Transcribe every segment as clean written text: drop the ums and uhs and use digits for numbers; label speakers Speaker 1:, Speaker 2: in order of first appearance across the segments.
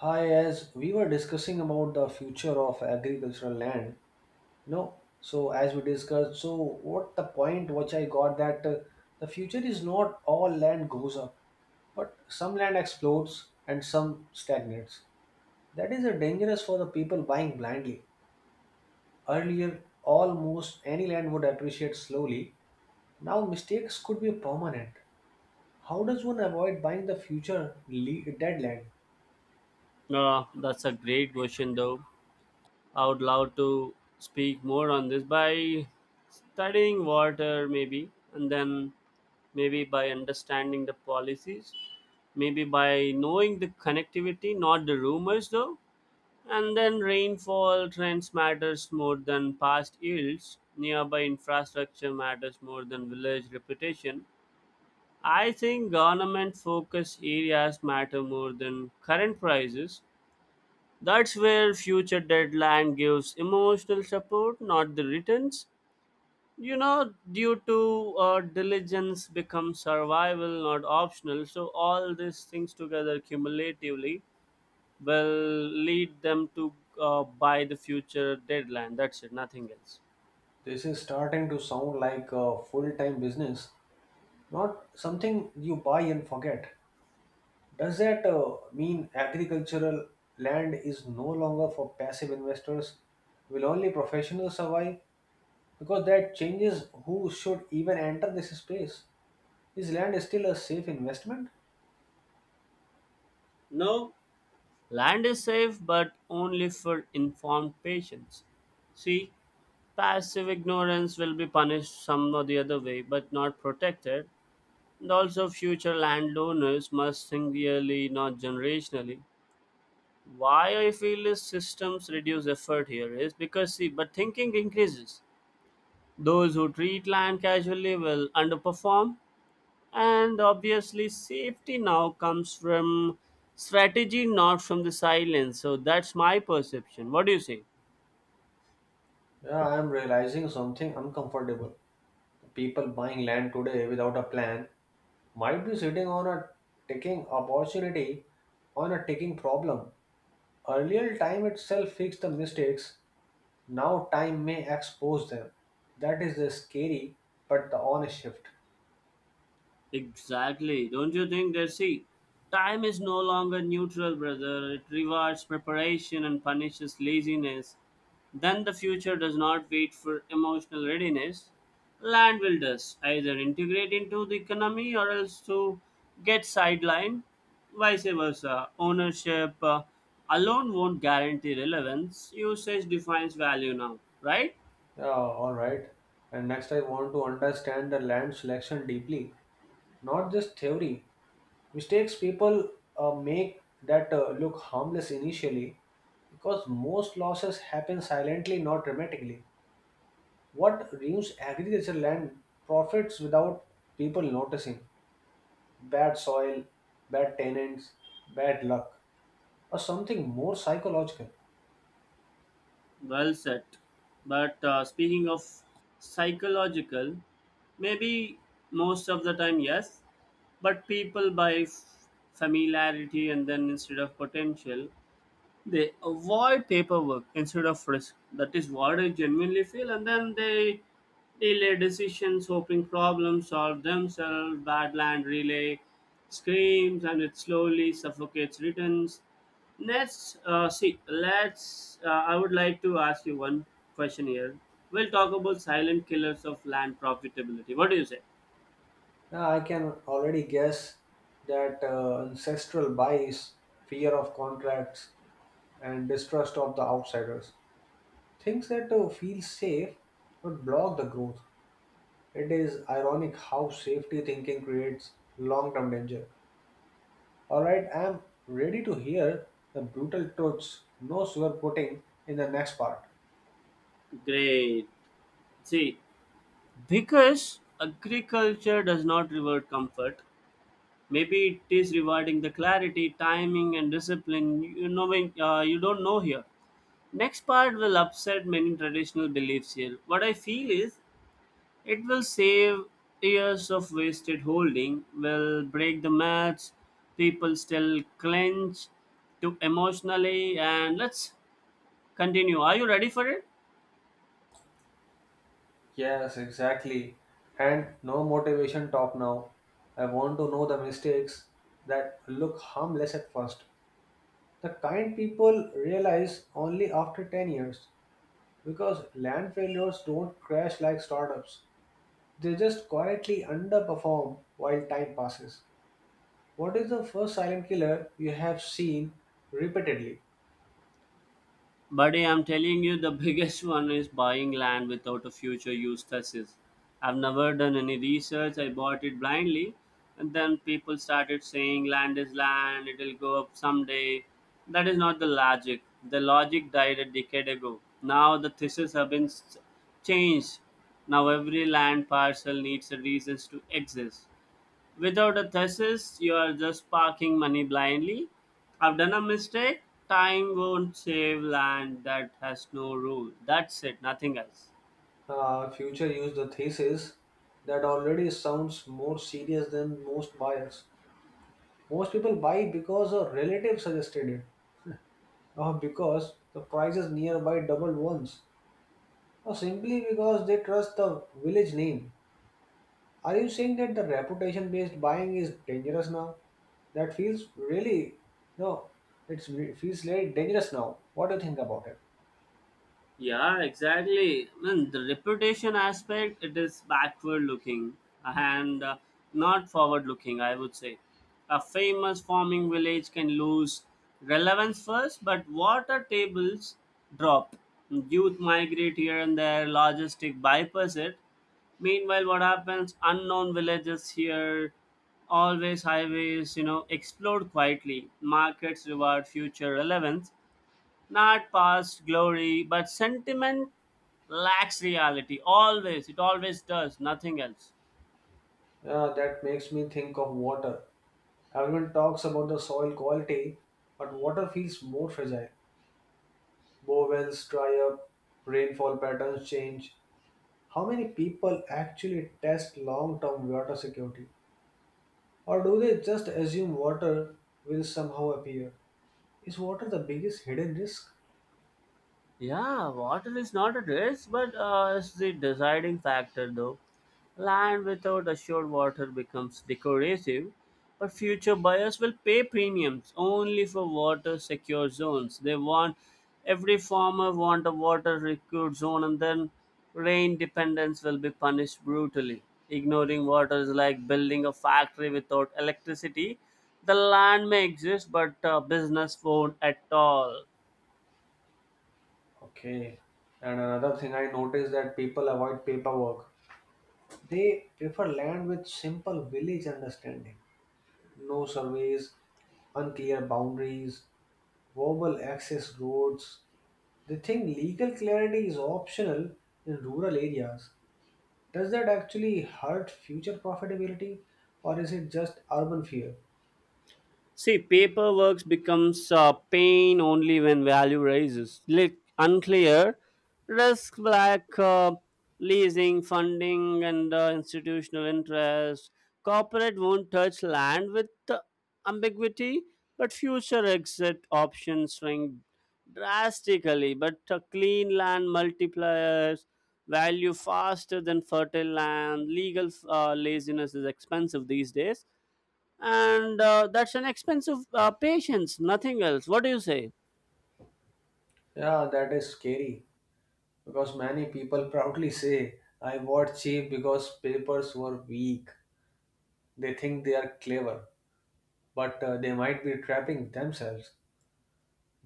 Speaker 1: Hi, as we were discussing about the future of agricultural land, so as we discussed, so what the point which I got that the future is not all land goes up, but some land explodes and some stagnates. That is dangerous for the people buying blindly. Earlier, almost any land would appreciate slowly. Now, mistakes could be permanent. How does one avoid buying the dead land?
Speaker 2: That's a great question, though. I would love to speak more on this by studying water, maybe, and then maybe by understanding the policies, maybe by knowing the connectivity, not the rumors, though. And then rainfall trends matters more than past yields. Nearby infrastructure matters more than village reputation. I think government focus areas matter more than current prices, that's where future deadline gives emotional support, not the returns. You know, due to Diligence becomes survival, not optional. So all these things together cumulatively will lead them to buy the future deadline. That's it, nothing else.
Speaker 1: This is starting to sound like a full time business, not something you buy and forget. Does that mean agricultural land is no longer for passive investors? Will only professionals survive? Because that changes who should even enter this space. Is land still a safe investment?
Speaker 2: No, land is safe, but only for informed patients. See, passive ignorance will be punished some or the other way, but not protected. And also, future landowners must think yearly, not generationally. Why I feel is systems reduce effort here is because see, but thinking increases. Those who treat land casually will underperform, and obviously, safety now comes from strategy, not from the silence. So that's my perception. What do you say?
Speaker 1: Yeah, I am realizing something uncomfortable. The people buying land today without a plan might be sitting on a ticking opportunity ticking problem. Earlier time itself fixed the mistakes, now time may expose them. That is the scary but the honest shift.
Speaker 2: Exactly. Don't you think that see, time is no longer neutral, brother. It rewards preparation and punishes laziness. Then the future does not wait for emotional readiness. Land will thus either integrate into the economy or else to get sidelined. Vice versa. Ownership alone won't guarantee relevance. Usage defines value now, right?
Speaker 1: Yeah, alright. And next, I want to understand the land selection deeply, not just theory. Mistakes people make that look harmless initially because most losses happen silently, not dramatically. What ruins agriculture land profits without people noticing? Bad soil, bad tenants, bad luck, or something more psychological.
Speaker 2: Well said. But speaking of psychological, maybe most of the time, yes. But people buy familiarity and then instead of potential, they avoid paperwork instead of risk. That is what I genuinely feel, and then they delay decisions, hoping problems solve themselves. Badland relay screams, and it slowly suffocates returns. Let's see. Let's. I would like to ask you one question here. We'll talk about silent killers of land profitability. What do you say?
Speaker 1: Now, I can already guess that ancestral bias, fear of contracts, and distrust of the outsiders. Things that feel safe but block the growth. It is ironic how safety thinking creates long term danger. Alright, I am ready to hear the brutal truths, no sugarcoating in the next part.
Speaker 2: Great. See, because agriculture does not reward comfort, maybe it is rewarding the clarity, timing, and discipline. You don't know here. Next part will upset many traditional beliefs here. What I feel is it will save years of wasted holding, will break the match. People still clench to emotionally, and let's continue. Are you ready for it?
Speaker 1: Yes, exactly. And no motivation talk now. I want to know the mistakes that look harmless at first. The kind people realize only after 10 years because land failures don't crash like startups. They just quietly underperform while time passes. What is the first silent killer you have seen repeatedly?
Speaker 2: Buddy, I'm telling you, the biggest one is buying land without a future use thesis. I've never done any research. I bought it blindly, and then people started saying land is land, it'll go up someday. That is not the logic. The logic died a decade ago. Now the thesis have been changed. Now every land parcel needs a reasons to exist. Without a thesis, you are just parking money blindly. I've done a mistake. Time won't save land that has no rule. That's it, nothing else.
Speaker 1: Future used the thesis that already sounds more serious than most buyers. Most people buy because a relative suggested it, or because the prices nearby doubled once, or simply because they trust the village name. Are you saying that the reputation based buying is dangerous now? That feels really, no, it feels really dangerous now. What do you think about it?
Speaker 2: Yeah, exactly. Man, the reputation aspect it is backward looking and not forward looking. I would say a famous farming village can lose relevance first, but water tables drop. Youth migrate here and there. Logistic bypass it. Meanwhile, what happens? Unknown villages here, always highways. You know, explode quietly. Markets reward future relevance, not past glory, but sentiment lacks reality. Always, it always does, nothing else.
Speaker 1: That makes me think of water. Everyone talks about the soil quality, but water feels more fragile. Bore wells dry up, rainfall patterns change. How many people actually test long term water security? Or do they just assume water will somehow appear? Is water the biggest hidden risk?
Speaker 2: Yeah, water is not a risk, but it's the deciding factor though. Land without assured water becomes decorative, but future buyers will pay premiums only for water secure zones. They want, every farmer want a water secure zone, and then rain dependence will be punished brutally. Ignoring water is like building a factory without electricity. The land may exist, but business won't at all.
Speaker 1: Okay. And another thing I noticed that people avoid paperwork. They prefer land with simple village understanding. No surveys, unclear boundaries, verbal access roads. They think legal clarity is optional in rural areas. Does that actually hurt future profitability or is it just urban fear?
Speaker 2: See, paperwork becomes a pain only when value rises. Like unclear risk, like leasing, funding, and institutional interest. Corporate won't touch land with ambiguity, but future exit options swing drastically. But clean land multipliers value faster than fertile land. Legal laziness is expensive these days and that's an expensive patience, nothing else. What do you say?
Speaker 1: Yeah, that is scary because many people proudly say, I bought cheap because papers were weak. They think they are clever, but they might be trapping themselves.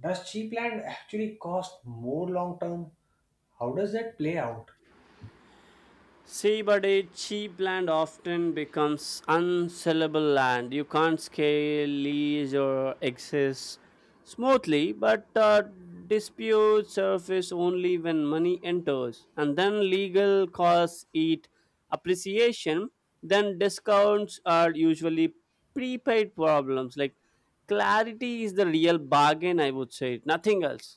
Speaker 1: Does cheap land actually cost more long term? How does that play out?
Speaker 2: See, buddy, cheap land often becomes unsellable land. You can't scale lease or access smoothly, but disputes surface only when money enters, and then legal costs eat appreciation. Then discounts are usually prepaid problems. Like clarity is the real bargain, I would say. Nothing else.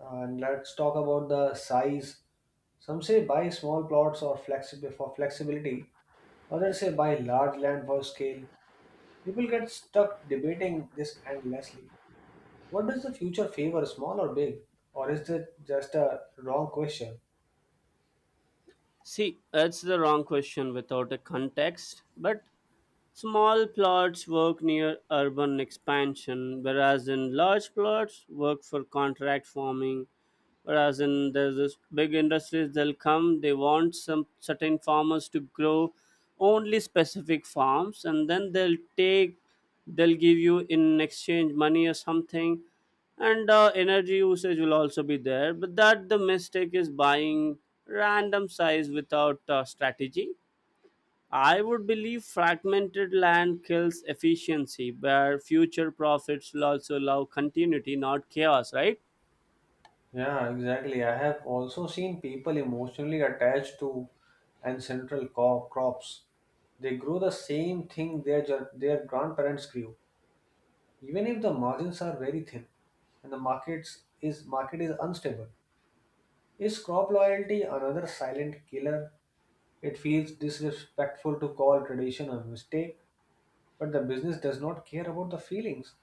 Speaker 1: And let's talk about the size. Some say buy small plots or for flexibility, others say buy large land for scale. People get stuck debating this endlessly. What does the future favor, small or big? Or is it just a wrong question?
Speaker 2: See, that's the wrong question without a context, but small plots work near urban expansion, whereas in large plots work for contract farming. Whereas in there's this big industries, they'll come, they want some certain farmers to grow only specific farms, and then they'll take, they'll give you in exchange money or something, and energy usage will also be there. But that the mistake is buying random size without strategy. I would believe fragmented land kills efficiency, where future profits will also allow continuity, not chaos, right?
Speaker 1: Yeah, exactly. I have also seen people emotionally attached to crops. They grow the same thing their grandparents grew, even if the margins are very thin and the market is unstable. Is crop loyalty another silent killer? It feels disrespectful to call tradition a mistake, but the business does not care about the feelings.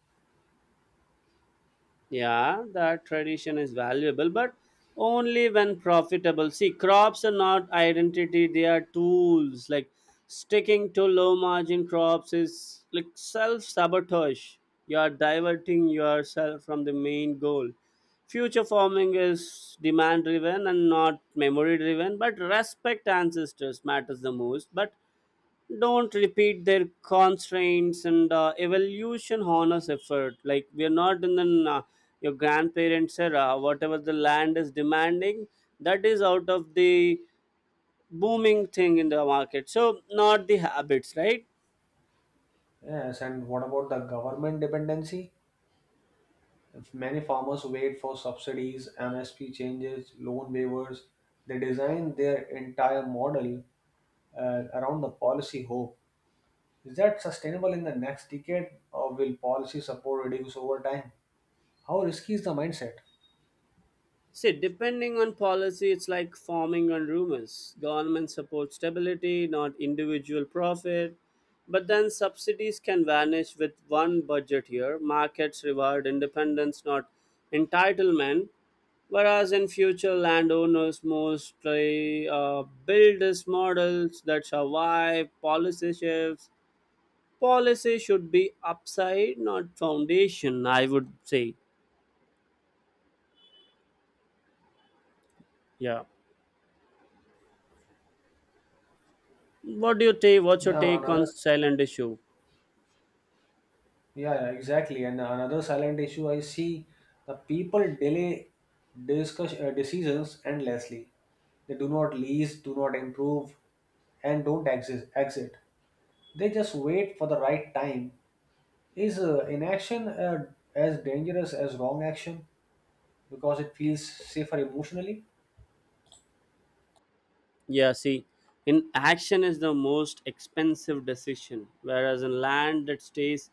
Speaker 2: Yeah, that tradition is valuable, but only when profitable. See, crops are not identity, they are tools. Like sticking to low margin crops is like self sabotage. You are diverting yourself from the main goal. Future farming is demand driven and not memory driven, but respect ancestors matters the most. But don't repeat their constraints and evolution honors effort. Like we are not in the your grandparents era. Whatever the land is demanding, that is out of the booming thing in the market, so not the habits, right?
Speaker 1: Yes, and what about the government dependency? If many farmers wait for subsidies, MSP changes, loan waivers. They design their entire model around the policy hope. Is that sustainable in the next decade, or will policy support reduce over time? How risky is the mindset?
Speaker 2: See, depending on policy, it's like farming on rumors. Government supports stability, not individual profit. But then subsidies can vanish with one budget year. Markets reward independence, not entitlement. Whereas in future, landowners mostly build these models that survive policy shifts. Policy should be upside, not foundation, I would say. Yeah. What do you take? What's your
Speaker 1: Yeah,
Speaker 2: take on
Speaker 1: another.
Speaker 2: silent issue?
Speaker 1: Yeah, yeah, exactly. And another silent issue I see: the people delay discuss decisions endlessly. They do not lease, do not improve, and don't exist, exit. They just wait for the right time. Is inaction as dangerous as wrong action because it feels safer emotionally?
Speaker 2: Yeah, see, in action is the most expensive decision, whereas in land that stays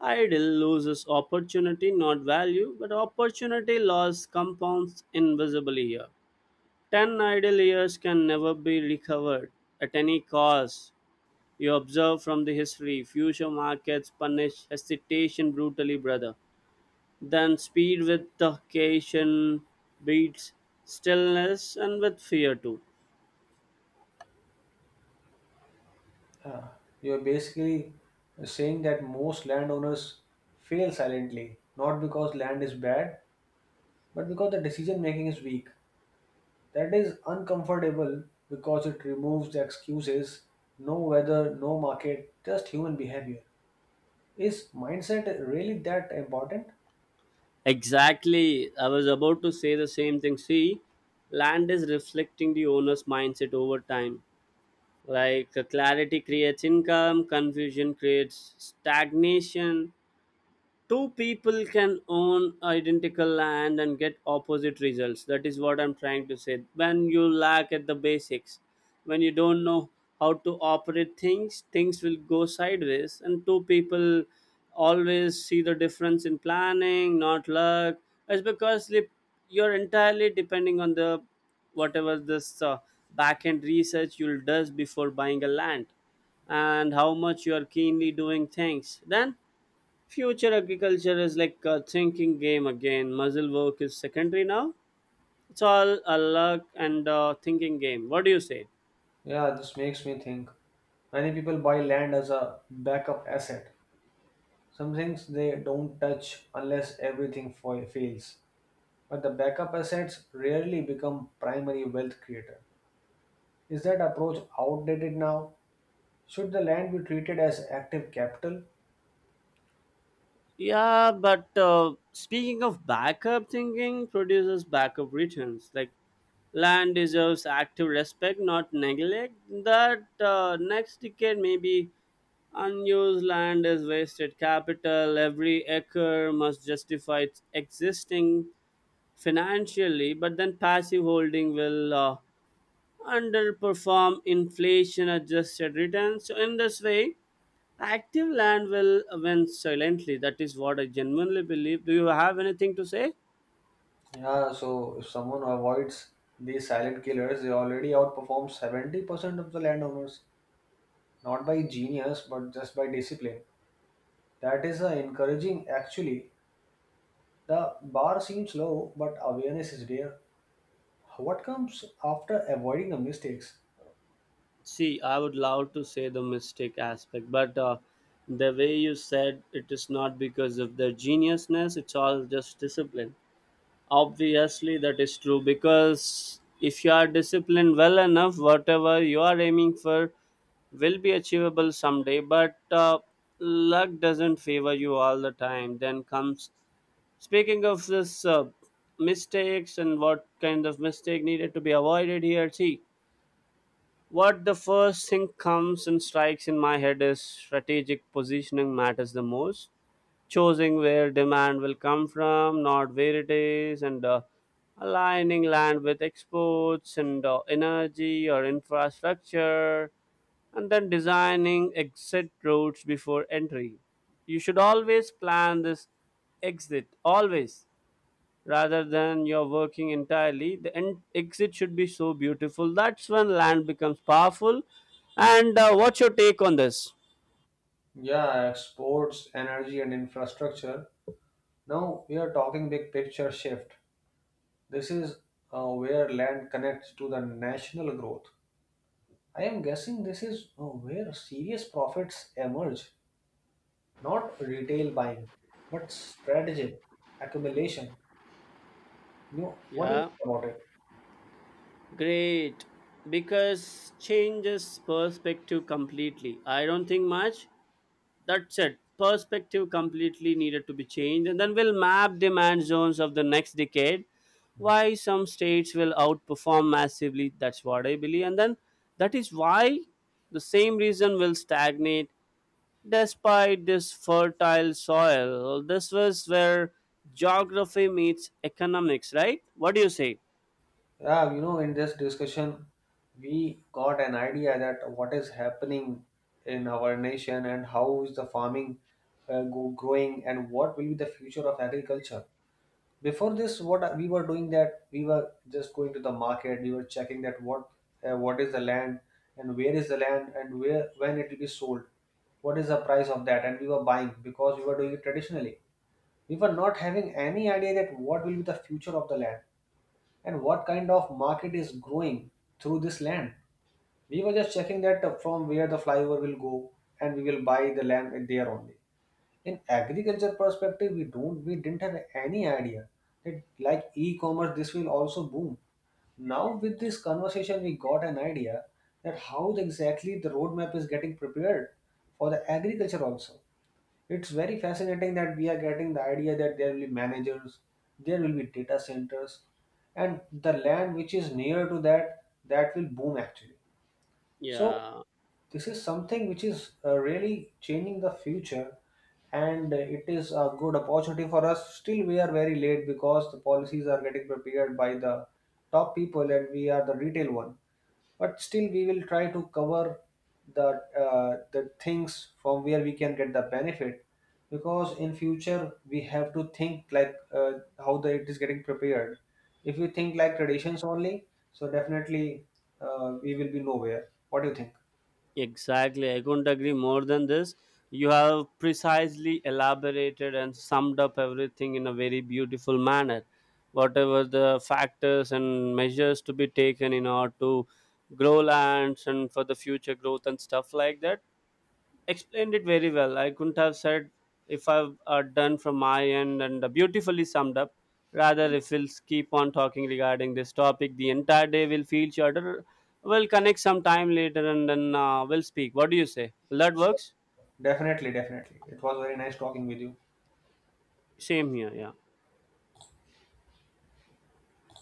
Speaker 2: idle loses opportunity, not value, but opportunity loss compounds invisibly here. 10 idle years can never be recovered at any cost. You observe from the history, future markets punish hesitation brutally, brother. Then speed with occasion beats stillness and with fear too.
Speaker 1: Uh, you're basically saying that most landowners fail silently, not because land is bad, but because the decision making is weak. That is uncomfortable because it removes the excuses: no weather, no market, just human behavior. Is mindset really that important?
Speaker 2: Exactly. I was about to say the same thing. See, land is reflecting the owner's mindset over time. Like clarity creates income, confusion creates stagnation. Two people can own identical land and get opposite results. That is what I'm trying to say. When you lack at the basics, when you don't know how to operate things, things will go sideways. And two people always see the difference in planning, not luck. It's because you're entirely depending on the whatever this back end research you'll does before buying a land, and how much you are keenly doing things. Then future agriculture is like a thinking game again. Muzzle work is secondary now. It's all a luck and thinking game. What do you say?
Speaker 1: Yeah, this makes me think. Many people buy land as a backup asset. Some things they don't touch unless everything fails. But the backup assets rarely become primary wealth creator. Is that approach outdated now? Should the land be treated as active capital?
Speaker 2: Yeah, but Speaking of backup thinking, produces backup returns. Like land deserves active respect, not neglect. That Next decade maybe unused land is wasted capital. Every acre must justify its existing financially, but then passive holding will underperform inflation adjusted returns. So, in this way, active land will win silently. That is what I genuinely believe. Do you have anything to say?
Speaker 1: Yeah, so if someone avoids these silent killers, they already outperform 70% of the landowners, not by genius, but just by discipline. That is encouraging actually. The bar seems low, but awareness is there. What comes after avoiding the mistakes?
Speaker 2: See, I would love to say the mistake aspect, but the way you said it is not because of their geniusness, it's all just discipline. Obviously, that is true because if you are disciplined well enough, whatever you are aiming for will be achievable someday. But luck doesn't favor you all the time. Then comes speaking of this mistakes and what kind of mistake needed to be avoided here. See, what the first thing comes and strikes in my head is strategic positioning matters the most, choosing where demand will come from, not where it is, and aligning land with exports and energy or infrastructure, and then designing exit routes before entry. You should always plan this exit, always, rather than you're working entirely. The exit should be so beautiful. That's when land becomes powerful. And what's your take on this?
Speaker 1: Yeah, exports, energy, and infrastructure. Now we are talking big picture shift. This is where land connects to the national growth. I am guessing this is where serious profits emerge, not retail buying, but stratagem, accumulation. You, what do you
Speaker 2: Yeah.
Speaker 1: think about it?
Speaker 2: Great, because changes perspective completely. I don't think much. That's it. Perspective completely needed to be changed, and then we'll map demand zones of the next decade. Why some states will outperform massively. That's what I believe, and then that is why the same reason will stagnate despite this fertile soil. This was where geography meets economics, right? What do you say?
Speaker 1: Yeah, you know, in this discussion, we got an idea that what is happening in our nation and how is the farming go growing and what will be the future of agriculture. Before this, what we were doing that we were just going to the market, we were checking that what is the land and where is the land and where when it will be sold, what is the price of that, and we were buying because we were doing it traditionally. We were not having any idea that what will be the future of the land and what kind of market is growing through this land. We were just checking that from where the flyover will go and we will buy the land there only. In agriculture perspective, we didn't have any idea that like e-commerce this will also boom. Now with this conversation we got an idea that how exactly the roadmap is getting prepared for the agriculture also. It's very fascinating that we are getting the idea that there will be managers, there will be data centers, and the land which is near to that that will boom actually. So
Speaker 2: Yeah.
Speaker 1: this is something which is really changing the future, and it is a good opportunity for us. Still, we are very late because the policies are getting prepared by the top people, and we are the retail one, but still we will try to cover the the things from where we can get the benefit, because in future we have to think like how the it is getting prepared. If we think like traditions only, so definitely we will be nowhere. What do you think?
Speaker 2: Exactly. I couldn't agree more than this. You have precisely elaborated and summed up everything in a very beautiful manner. Whatever the factors and measures to be taken in order to grow lands and for the future growth and stuff like that, explained it very well. I couldn't have said if I've done from my end and beautifully summed up. Rather,
Speaker 1: Yeah,
Speaker 2: if we'll keep on talking regarding this topic, the entire day will feel shorter. We'll connect sometime later and then we'll speak. What do you say? Will that
Speaker 1: sure.
Speaker 2: works?
Speaker 1: Definitely, definitely, it was very nice talking with you.
Speaker 2: Same here, yeah.